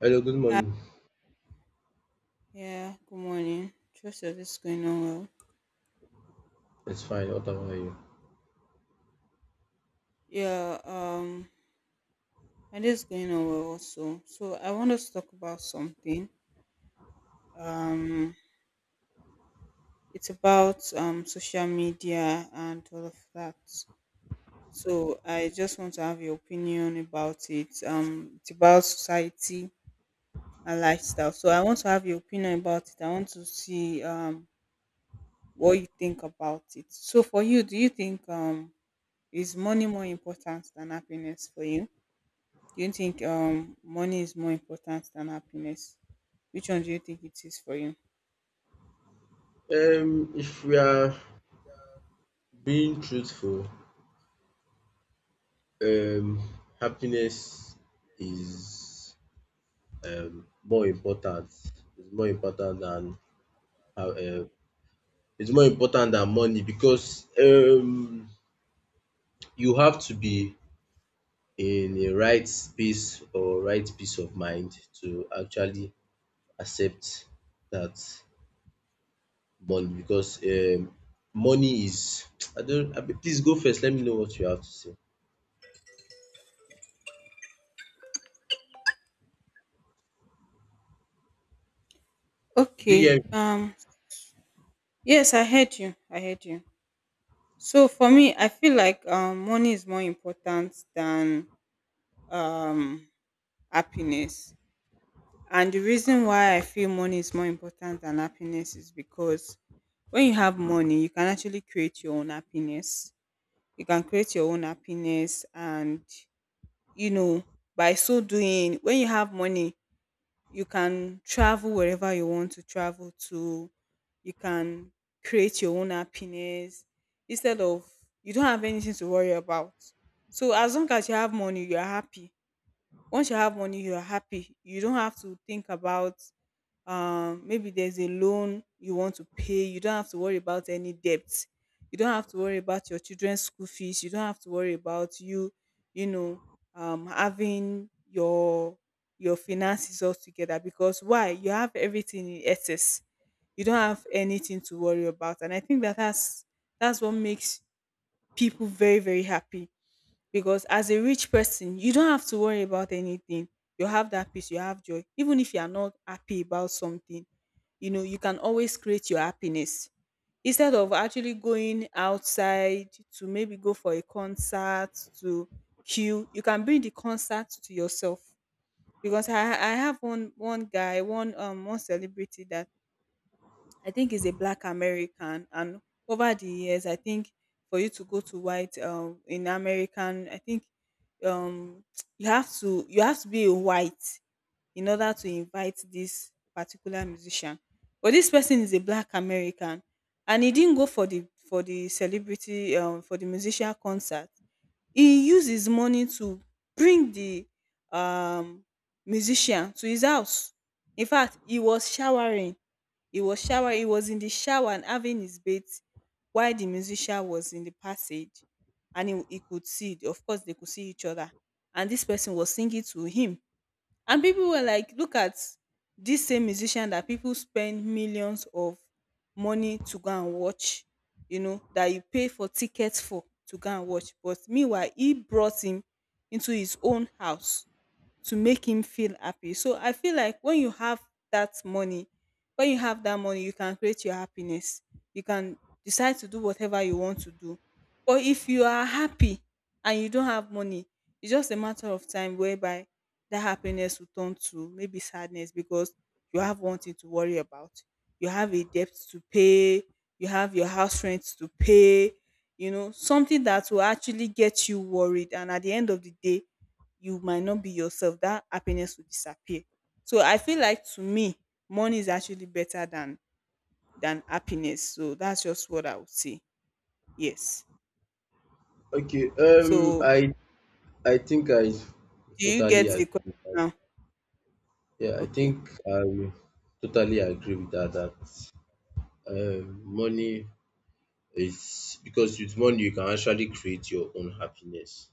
Hello, good Hi, morning. yeah, good morning. Trust your day is going on well. It's fine. What about you? Yeah, my day is going on well also. So I want us to talk about something. Um, it's about social media and all of that. So I just want to have your opinion about it. It's about society and lifestyle. So I want to have your opinion about it. I want to see what you think about it. So for you, do you think is money more important than happiness for you? Do you think money is more important than happiness? Which one do you think it is for you? If we are being truthful, um, happiness is more important. It's more important than how it's more important than money because you have to be in a right space or right peace of mind to actually accept that money because money is I don't I, please go first. Let me know what you have to say. Okay. DM. Yes, I heard you. I heard you. So for me, I feel like money is more important than um happiness. And the reason why I feel money is more important than happiness is because when you have money, you can actually create your own happiness. You can create your own happiness, and you know by so doing when you have money you can travel wherever you want to travel to. You can create your own happiness instead of you don't have anything to worry about. So as long as you have money, you are happy. Once you have money, you are happy. You don't have to think about maybe there's a loan you want to pay, you don't have to worry about any debts, you don't have to worry about your children's school fees, you don't have to worry about you know having your finances all together, because why? You have everything in excess, you don't have anything to worry about. And I think that that's what makes people very happy, because as a rich person you don't have to worry about anything. You have that peace, you have joy. Even if you are not happy about something, you know you can always create your happiness, instead of actually going outside to maybe go for a concert to queue, you can bring the concert to yourself. Because I have one guy, one one celebrity that, I think he's a black American. And over the years, I think for you to go to white in American, I think um, you have to be a white in order to invite this particular musician. But this person is a black American, and he didn't go for the celebrity, for the musician concert. He used his money to bring the um, musician to his house. In fact, he was in the shower and having his bath while the musician was in the passage, and he could see, of course they could see each other, and this person was singing to him, and people were like, look at this same musician that people spend millions of money to go and watch, you know, that you pay for tickets for to go and watch, but meanwhile he brought him into his own house to make him feel happy. So I feel like when you have that money, when you have that money, you can create your happiness. You can decide to do whatever you want to do. But if you are happy and you don't have money, it's just a matter of time whereby that happiness will turn to maybe sadness, because you have one thing to worry about. You have a debt to pay, you have your house rent to pay, you know, something that will actually get you worried. And at the end of the day, you might not be yourself. That happiness will disappear. So I feel like, to me, money is actually better than happiness. So that's just what I would say. Yes. Okay. Um, So I I think I do you totally get the agree with question that. now? Yeah, I Okay. think I totally agree with that. That money is because with money you can actually create your own happiness.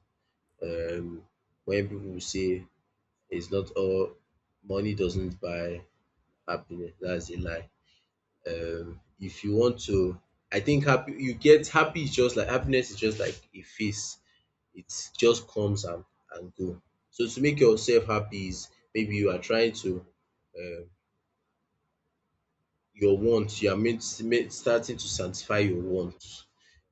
Um, when people say it's not all money doesn't buy happiness, that's a lie. If you want to, I think happy you get happy is just like happiness is just like a phase it just comes and go. So to make yourself happy is maybe you are trying to um your want you are meant meant starting to satisfy your want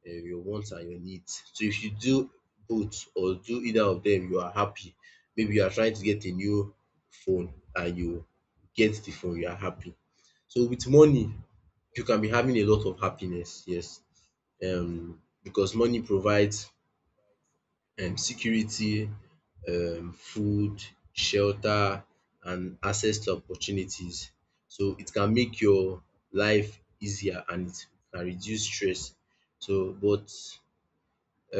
your wants and your needs. So if you do both or do either of them you are happy. Maybe you are trying to get a new phone and you get the phone you are happy. So with money you can be having a lot of happiness, yes, because money provides security, food, shelter and access to opportunities. So it can make your life easier and it can reduce stress. So but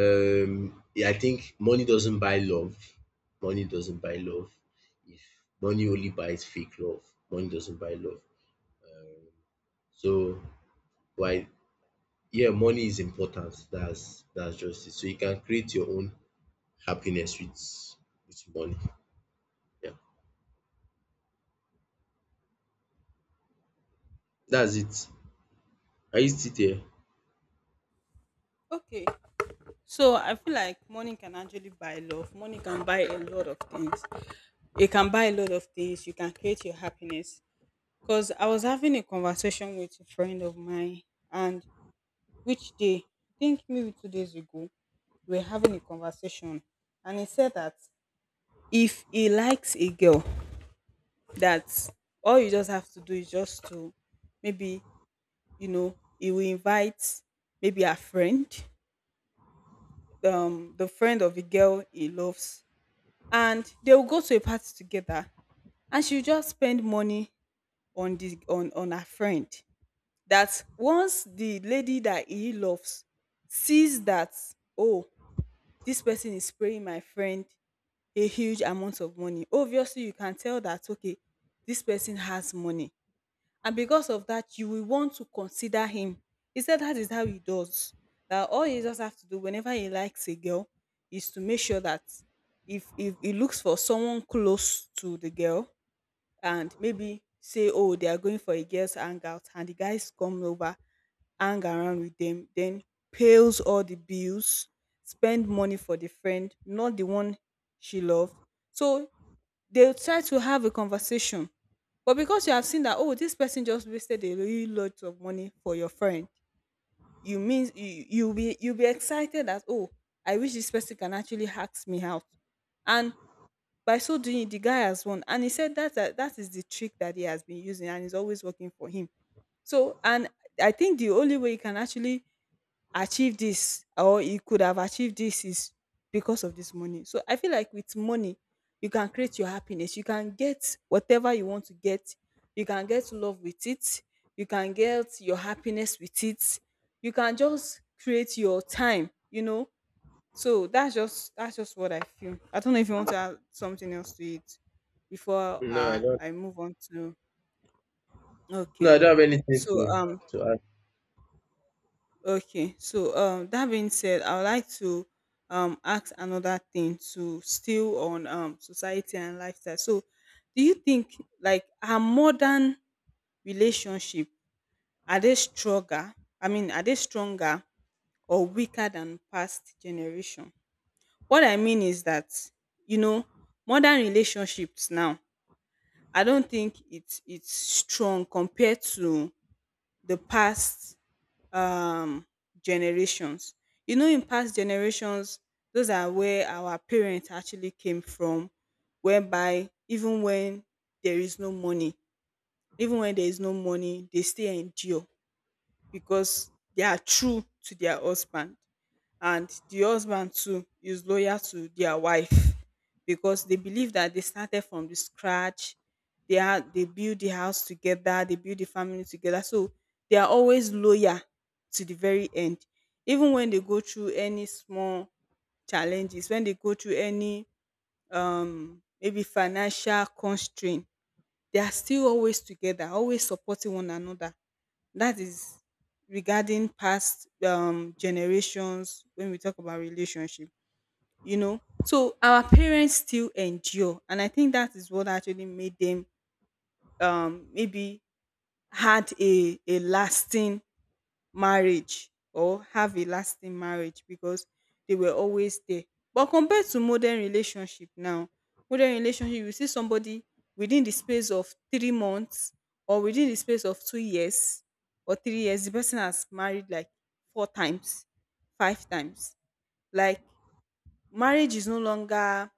I think money doesn't buy love. Money doesn't buy love. If money only buys fake love, money doesn't buy love. So why, yeah, money is important. That's just it. So you can create your own happiness with money. Yeah. That's it. Are you still there? Okay, so I feel like money can actually buy love. Money can buy a lot of things. It can buy a lot of things. You can create your happiness. Because I was having a conversation with a friend of mine, and which day? I think maybe 2 days ago. We were having a conversation, and he said that if he likes a girl, that all you just have to do is just to maybe, you know, he will invite maybe a friend, the friend of the girl he loves, and they will go to a party together, and she will just spend money on the on her friend, that once the lady that he loves sees that, oh, this person is spraying my friend a huge amount of money, obviously you can tell that, okay, this person has money. And because of that, you will want to consider him. He said that is how he does. That all he just have to do whenever he likes a girl is to make sure that, if he looks for someone close to the girl and maybe say, oh, they are going for a girl's hangout and the guys come over, hang around with them, then pays all the bills, spend money for the friend, not the one she loved. So they'll try to have a conversation. But because you have seen that, oh, this person just wasted a really lot of money for your friend, you'll be excited that, oh, I wish this person can actually ask me out. And by so doing, the guy has won. And he said that that is the trick that he has been using and is always working for him. So, and I think the only way you can actually achieve this, or you could have achieved this, is because of this money. So I feel like with money, you can create your happiness. You can get whatever you want to get. You can get love with it. You can get your happiness with it. You can just create your time, you know. So that's just what I feel. I don't know if you want to add something else to it before No, I don't. I move on to No, okay. I don't have anything So to to add. okay, so that being said, I would like to ask another thing to, still on society and lifestyle. So, do you think like our modern relationship, are they stronger? I mean, are they stronger or weaker than past generation? What I mean is that, you know, modern relationships now, I don't think it's strong compared to the past um, generations. You know, in past generations, those are where our parents actually came from, whereby even when there is no money, even when there is no money, they still endure because they are true to their husband, and the husband too is loyal to their wife, because they believe that they started from the scratch, they build the house together, they build the family together. So they are always loyal to the very end. Even when they go through any small challenges, when they go through any maybe financial constraint, they are still always together, always supporting one another. That is regarding past generations when we talk about relationship, you know. So our parents still endure, and I think that is what actually made them maybe had a lasting marriage, or have a lasting marriage, because they were always there. But compared to modern relationship now, modern relationship, you see somebody within the space of 3 months, or within the space of 2 years or 3 years, the person has married like 4 times, 5 times. Like, marriage is no longer,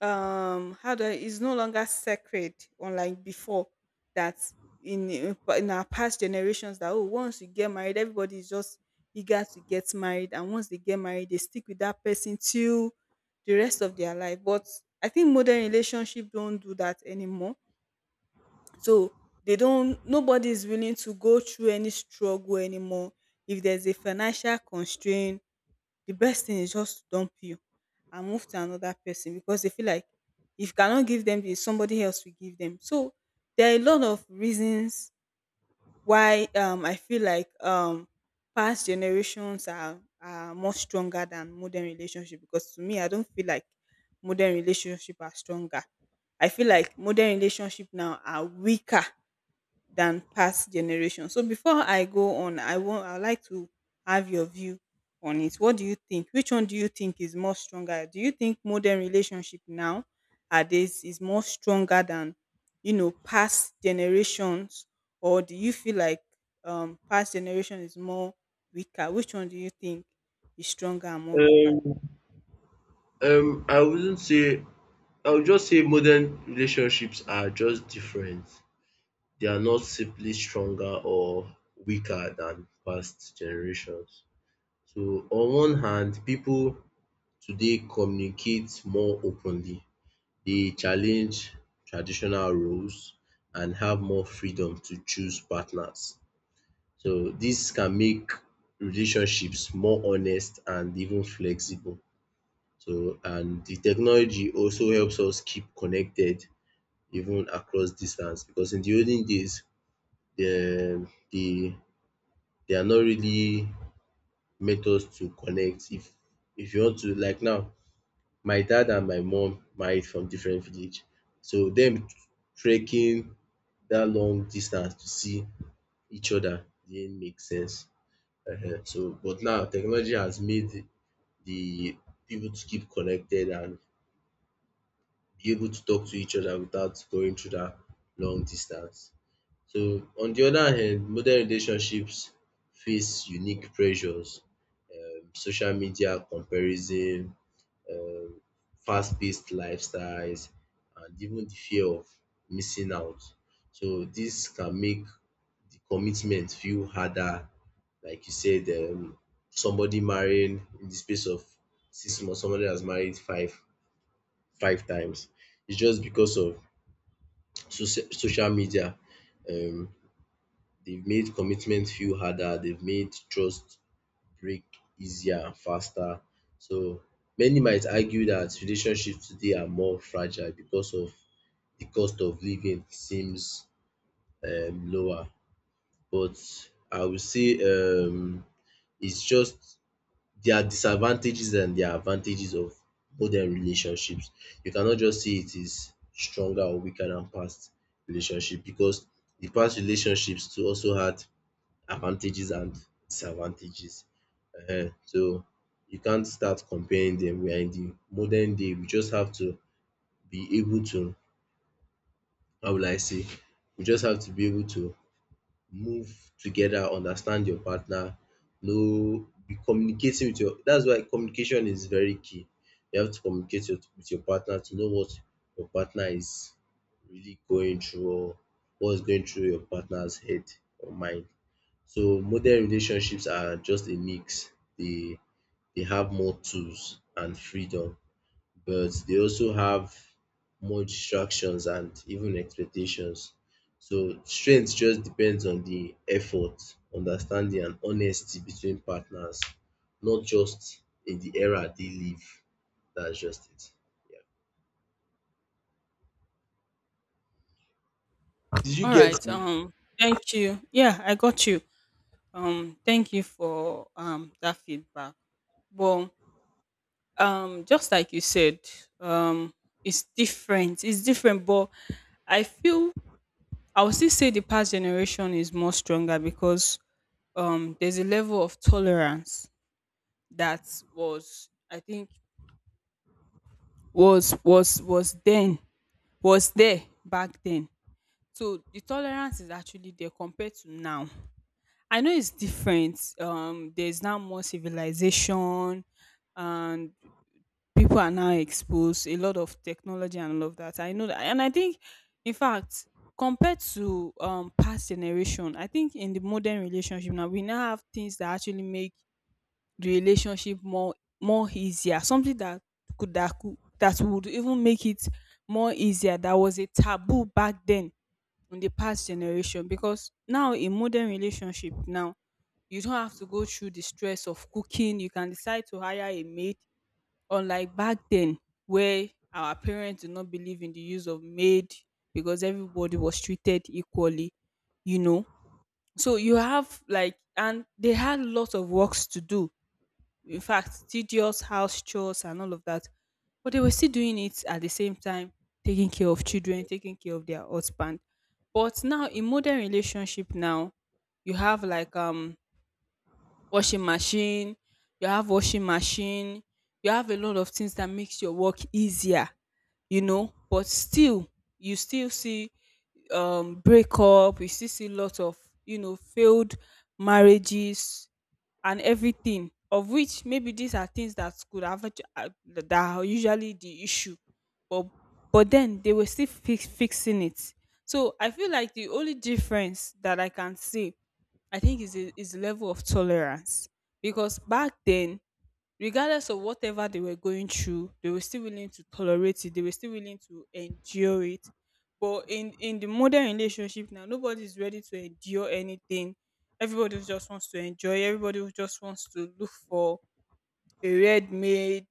it's no longer sacred, unlike before, that in our past generations, that oh, once you get married, everybody is just eager to get married, and once they get married, they stick with that person till the rest of their life. But I think modern relationship don't do that anymore. So they don't nobody is willing to go through any struggle anymore. If there's a financial constraint, the best thing is just to dump you and move to another person, because they feel like if you cannot give them this, somebody else will give them. So there are a lot of reasons why, I feel like, past generations are much stronger than modern relationship, because to me, I don't feel like modern relationship are stronger. I feel like modern relationship now are weaker than past generations. So before I go on, I'd like to have your view on it. What do you think? Which one do you think is more stronger? Do you think modern relationship now at this is more stronger than, you know, past generations, or do you feel like past generation is more weaker? Which one do you think is stronger and more weaker? Um, I wouldn't say. I would just say modern relationships are just different. They are not simply stronger or weaker than past generations. So, on one hand, people today communicate more openly. They challenge traditional roles and have more freedom to choose partners. So this can make relationships more honest and even flexible. So and the technology also helps us keep connected even across distance because in the olden days the the they are not really meant us to connect. If you want to, like now my dad and my mom married from different village, so them trekking that long distance to see each other didn't make sense. Ehen. So, but now technology has made the people to keep connected and be able to talk to each other without going through that long distance. So on the other hand, modern relationships face unique pressures, social media comparison, um fast-paced lifestyles and even the fear of missing out. So this can make the commitment feel harder. Like you said, somebody marrying in the space of 6 months, somebody has married five times. It's just because of social media. Um, they've made commitment feel harder. They've made trust break easier and faster. So many might argue that relationships today are more fragile because of the cost of living seems lower. But I will say it's just there are disadvantages and there are advantages of modern relationships. You cannot just say it is stronger or weaker than past relationship because the past relationships too also had advantages and disadvantages. Ehen, so you can't start comparing them. We are in the modern day. We just have to be able to, how will I say, we just have to be able to move together, understand your partner, know, be communicating with your. That's why communication is very key. You have to communicate with your partner to know what your partner is really going through or what's going through your partner's head or mind. So modern relationships are just a mix. They they have more tools and freedom, but they also have more distractions and even expectations. So strength just depends on the effort, understanding and honesty between partners, not just in the era they live. That's just it. Yeah. Did you All right. get me? Thank you. Yeah, I got you. Thank you for that feedback. But just like you said, um, it's different. It's different, but I feel I would still say the past generation is more stronger because there's a level of tolerance that was I think was was was then was there back then. So the tolerance is actually there compared to now. I know it's different. There's now more civilization, and people are now exposed a lot of technology and all of that. I know that, and I think, in fact, compared to past generation, I think in the modern relationship now we now have things that actually make the relationship more easier. Something that could that could that would even make it more easier. That was a taboo back then in the past generation because now in modern relationship now you don't have to go through the stress of cooking. You can decide to hire a maid. Unlike back then, where our parents did not believe in the use of maid because everybody was treated equally, you know. So you have like, and they had lots of works to do. In fact, tedious house chores and all of that. But they were still doing it at the same time, taking care of children, taking care of their husband. But now in modern relationship now, you have like washing machine, you have washing machine, you have a lot of things that makes your work easier, you know, but still you still see breakup, you still see lots of, you know, failed marriages and everything of which maybe these are things that could have that are usually the issue but then they were still fixing it. So I feel like the only difference that I can see I think is is the level of tolerance because back then, regardless of whatever they were going through, they were still willing to tolerate it. They were still willing to endure it. But in the modern relationship now, nobody is ready to endure anything. Everybody just wants to enjoy. Everybody just wants to look for a red maid,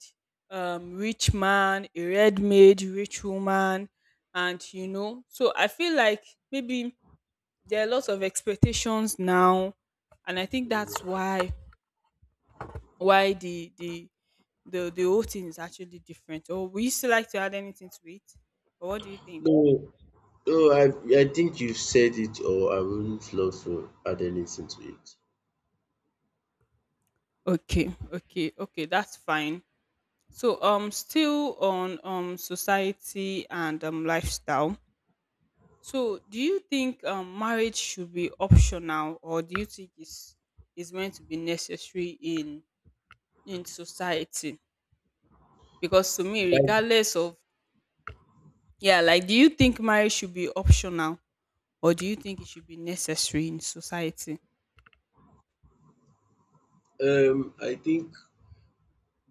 rich man, a red maid, rich woman, and you know. So I feel like maybe there are lots of expectations now, and I think that's why why the the the whole thing is actually different, or we still like to add anything to it. But what do you think? No, no, I I think you've said it, or I wouldn't love to add anything to it. Okay, okay, okay, that's fine. So still on society and lifestyle, so do you think marriage should be optional, or do you think it's is meant to be necessary in society? Because to me Right. regardless of. Yeah, like do you think marriage should be optional or do you think it should be necessary in society? I think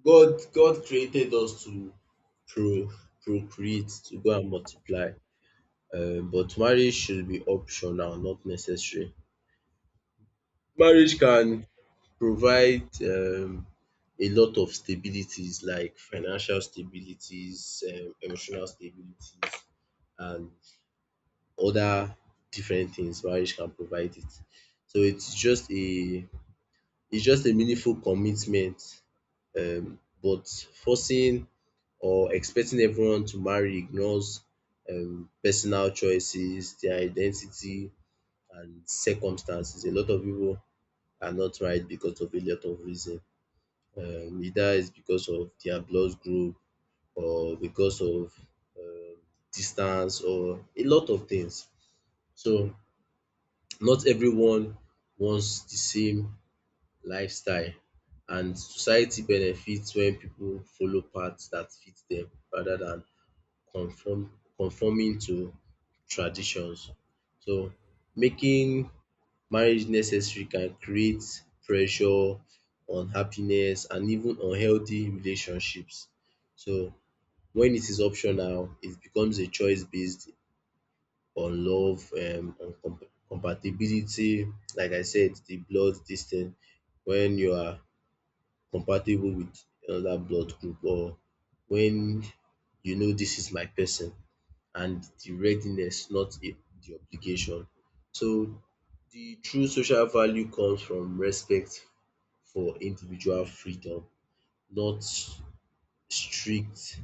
God created us to pro procreate, to go and multiply. But marriage should be optional, not necessary. Marriage can provide a lot of stabilities like financial stabilities, emotional stabilities and other different things marriage can provide it. So it's just a meaningful commitment, but forcing or expecting everyone to marry ignores personal choices, their identity, and circumstances. A lot of people are not married because of a lot of reason. Either it's because of their blood group or because of um, distance or a lot of things. So not everyone wants the same lifestyle, and society benefits when people follow paths that fit them rather than conforming to traditions. So making marriage necessary can create pressure, unhappiness and even unhealthy relationships. So when it is optional it becomes a choice based on love, on compatibility. Like I said, the blood dis when you are compatible with another blood group, or when you know this is my person, and the readiness, not a the obligation. So the true social value comes from respect for individual freedom, not strict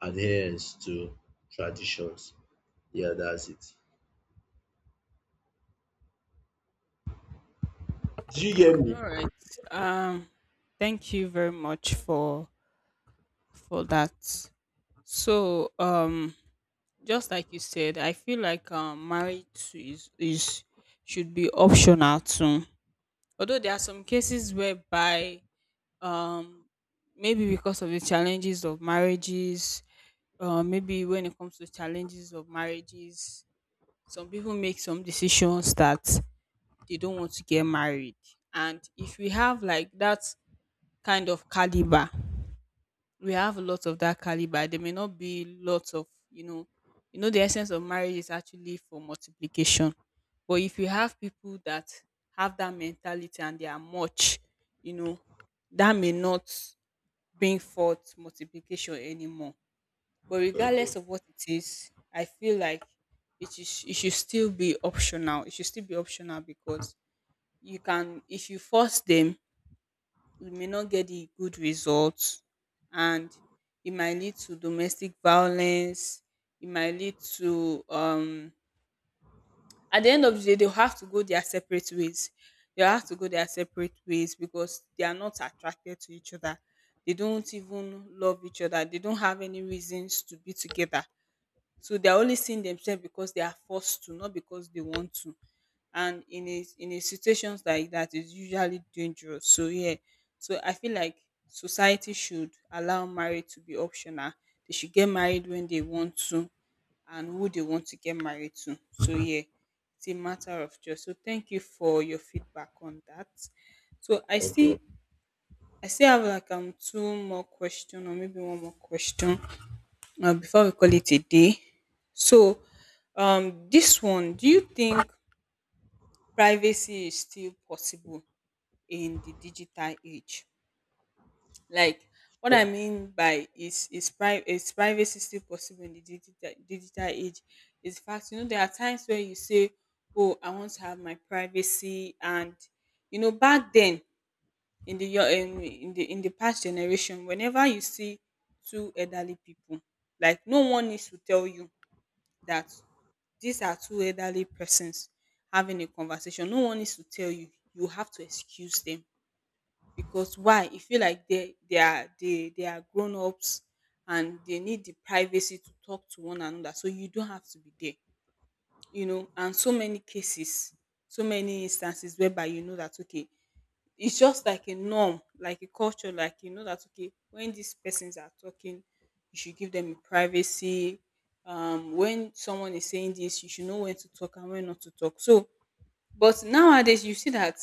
adherence to traditions. Yeah, that's it. Did you hear me? All right. Um Thank you very much for that. So, just like you said, I feel like marriage is should be optional too. Although there are some cases whereby um maybe because of the challenges of marriages maybe when it comes to challenges of marriages some people make some decisions that they don't want to get married, and if we have like that kind of caliber, we have a lot of that caliber, there may not be lots of, you know, you know the essence of marriage is actually for multiplication. But if you have people that have that mentality and they are much, you know, that may not bring forth multiplication anymore. But Okay. regardless of what it is, I feel like it is it should still be optional. It should still be optional because you can if you force them, you may not get the good results, and it might lead to domestic violence, it might lead to at the end of the day they'll have to go their separate ways. They'll have to go their separate ways because they are not attracted to each other. They don't even love each other. They don't have any reasons to be together, so they are only seeing themselves because they are forced to, not because they want to. And in a situations like that is usually dangerous. So yeah. So I feel like society should allow marriage to be optional. They should get married when they want to and who they want to get married to. So yeah, it's a matter of choice. So thank you for your feedback on that. So I see Okay. I still have like two more question or maybe one more question before we call it a day. So, this one, do you think privacy is still possible in the digital age? Like, what I mean by is privacy still possible in the digital age? Is the fact, you know, there are times where you say, "Oh, I want to have my privacy," and you know, back then in the in the past generation, whenever you see two elderly people, like no one needs to tell you that these are two elderly persons having a conversation. No one needs to tell you. You have to excuse them because why? You feel like they are grown ups and they need the privacy to talk to one another. So you don't have to be there, you know. And so many cases, so many instances whereby you know that okay, it's just like a norm, like a culture, like you know that okay, when these persons are talking, you should give them privacy. When someone is saying this, you should know when to talk and when not to talk. So, but nowadays you see that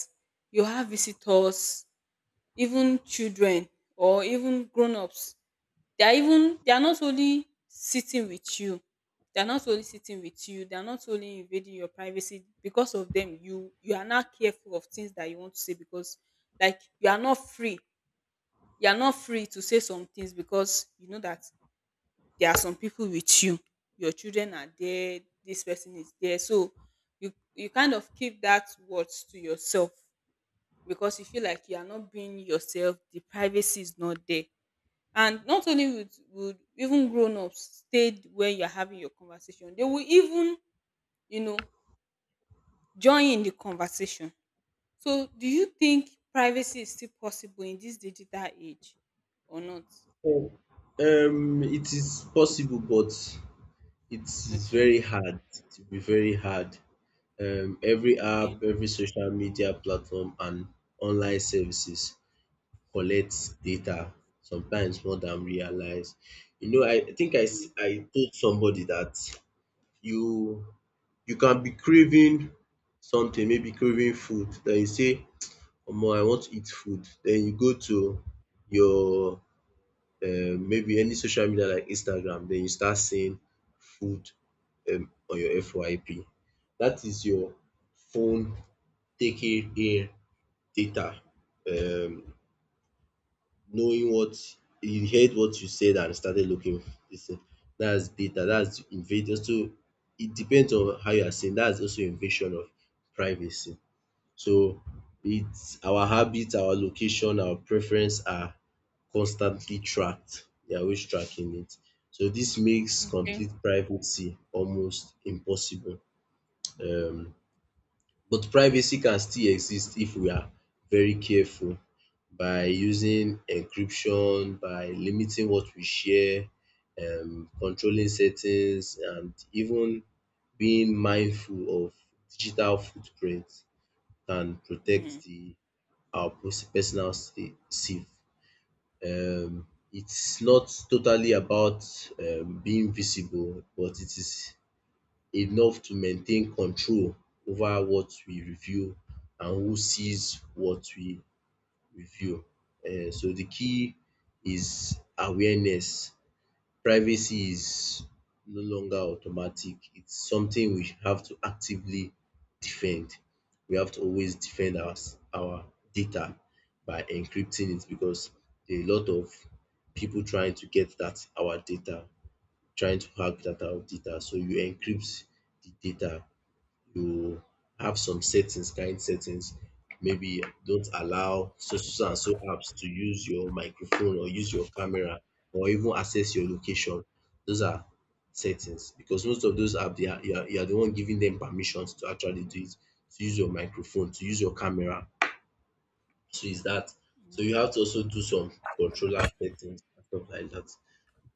you have visitors, even children or even grown-ups, they are not only sitting with you, they are not only sitting with you, they are not only invading your privacy. Because of them, you are not careful of things that you want to say because like you are not free. You are not free to say some things because you know that there are some people with you. Your children are there, this person is there. So you kind of keep that words to yourself because you feel like you are not being yourself, the privacy is not there. And not only would even grown ups stayed when you're having your conversation, they will even, you know, join in the conversation. So do you think privacy is still possible in this digital age or not? So, it is possible, but it is Okay. very hard. It will be very hard. Every app, Okay. every social media platform, and online services collect data sometimes more than realize. You know, I think Mm. I told somebody that you you can be craving something, maybe craving food, then you say, "Omo, I want to eat food." Then you go to your maybe any social media like Instagram, then you start seeing food on your FYP. That is your phone taking in data. Um knowing what he heard what you said and started looking this thing. That's data. That's invasion. So it depends on how you are seeing. That's also invasion of privacy. So it's our habits, our location, our preference are constantly tracked. They are always tracking it. So this makes Okay. complete privacy almost impossible. Um, but privacy can still exist if we are very careful by using encryption, by limiting what we share, controlling settings, and even being mindful of digital footprint can protect Mm. the our personal safe. Um, it's not totally about being visible, but it is enough to maintain control over what we review and who sees what we review. So the key is awareness. Privacy is no longer automatic. It's something we have to actively defend. We have to always defend our data by encrypting it because there are a lot of people trying to get that our data, trying to hack that our data. So you encrypt the data you have some settings, kind settings. Maybe don't allow so so and so apps to use your microphone or use your camera or even access your location. Those are settings because most of those apps, they are, you, are, you are the one giving them permissions to actually do it, to use your microphone, to use your camera. So is that. So you have to also do some controller settings and stuff like that.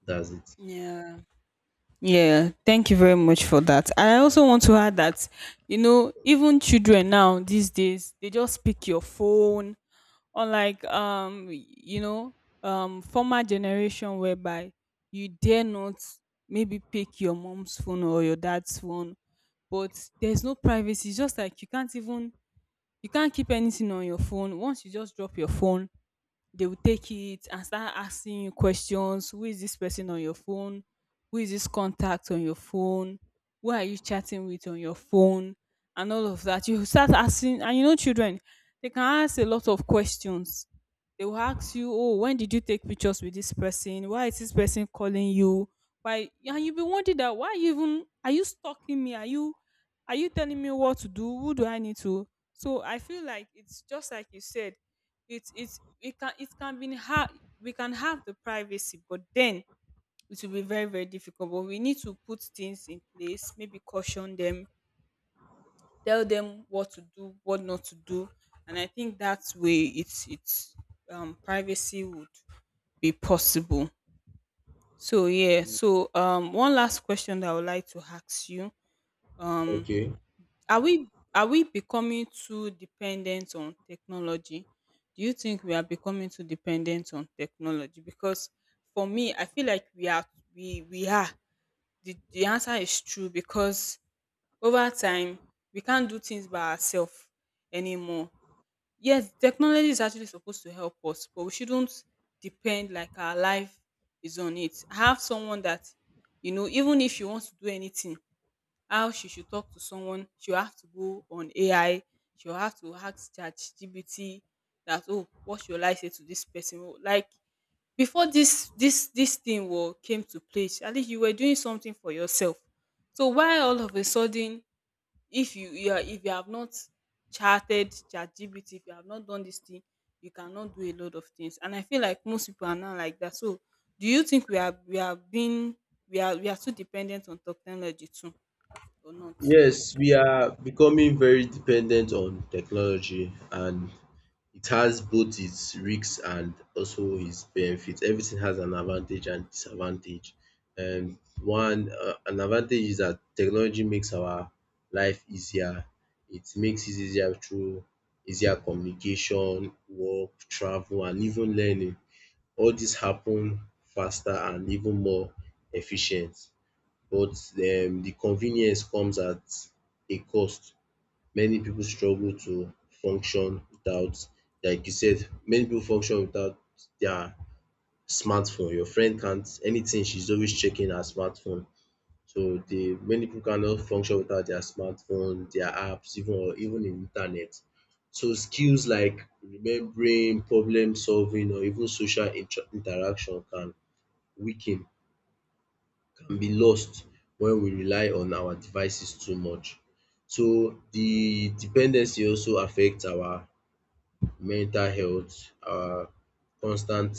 That's it. Yeah. Yeah, thank you very much for that. I also want to add that, you know, even children now these days, they just pick your phone, unlike you know, former generation whereby you dare not maybe pick your mom's phone or your dad's phone, but there's no privacy. It's just like you can't even you can't keep anything on your phone. Once you just drop your phone, they will take it and start asking you questions. Who is this person on your phone? Who is this contact on your phone? Who are you chatting with on your phone? And all of that. You start asking and you know children, they can ask a lot of questions. They will ask you, oh, when did you take pictures with this person? Why is this person calling you? Why? And you'll be wondering that why you even are you stalking me? Are you are you telling me what to do? Who do I need to? So I feel like it's just like you said, it's it can be hard. We can have the privacy, but then it will be very very difficult, but we need to put things in place, maybe caution them, tell them what to do, what not to do. And I think that's way it's privacy would be possible. So yeah, so one last question that I would like to ask you. Um Okay. are we becoming too dependent on technology? Do you think we are becoming too dependent on technology? Because for me, I feel like we are. The answer is true because over time we can't do things by ourselves anymore. Yes, technology is actually supposed to help us, but we shouldn't depend like our life is on it. I have someone that, you know, even if she wants to do anything, how she should talk to someone, she'll have to go on AI, she'll have to ask ChatGPT that, oh, what should I say to this person? Oh, like before this thing will came to place, at least you were doing something for yourself. So why all of a sudden if you are if you have not charted ChatGPT, if you have not done this thing, you cannot do a lot of things. And I feel like most people are not like that. So do you think we are too dependent on technology too or not? Yes, we are becoming very dependent on technology, and it has both its risks and also its benefits. Everything has an advantage and disadvantage. And one an advantage is that technology makes our life easier. It makes it easier through easier communication, work, travel, and even learning. All this happen faster and even more efficient. But the convenience comes at a cost. Many people struggle to function without, like you said, many people function without their smartphone. Your friend can't anything, she's always checking her smartphone. So the many people cannot function without their smartphone, their apps, even or even in internet. So skills like remembering, problem solving, or even social interaction can weaken can be lost when we rely on our devices too much. So the dependency also affects our mental health, our constant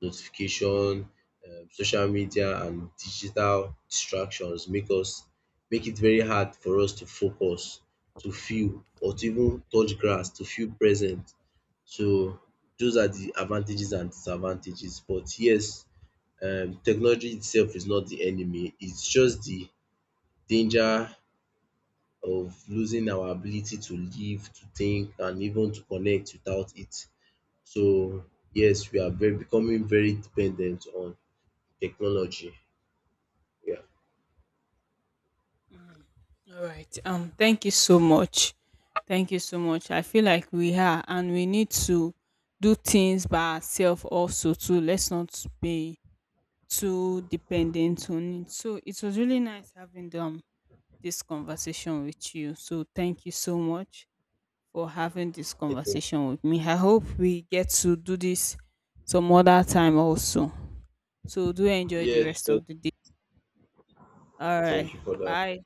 notification, social media and digital distractions make us make it very hard for us to focus, to feel or to even touch grass, to feel present. So those are the advantages and disadvantages. But yes, technology itself is not the enemy. It's just the danger of losing our ability to live, to think, and even to connect without it. So yes, we are very becoming very dependent on technology. Yeah. All right. Thank you so much. Thank you so much. I feel like we are and we need to do things by ourselves also too. Let's not be too dependent on it. So it was really nice having them this conversation with you. So thank you so much for having this I conversation with me. I hope we get to do this some other time also. So do enjoy the yes, rest of the day. All right. thank you for that. Bye.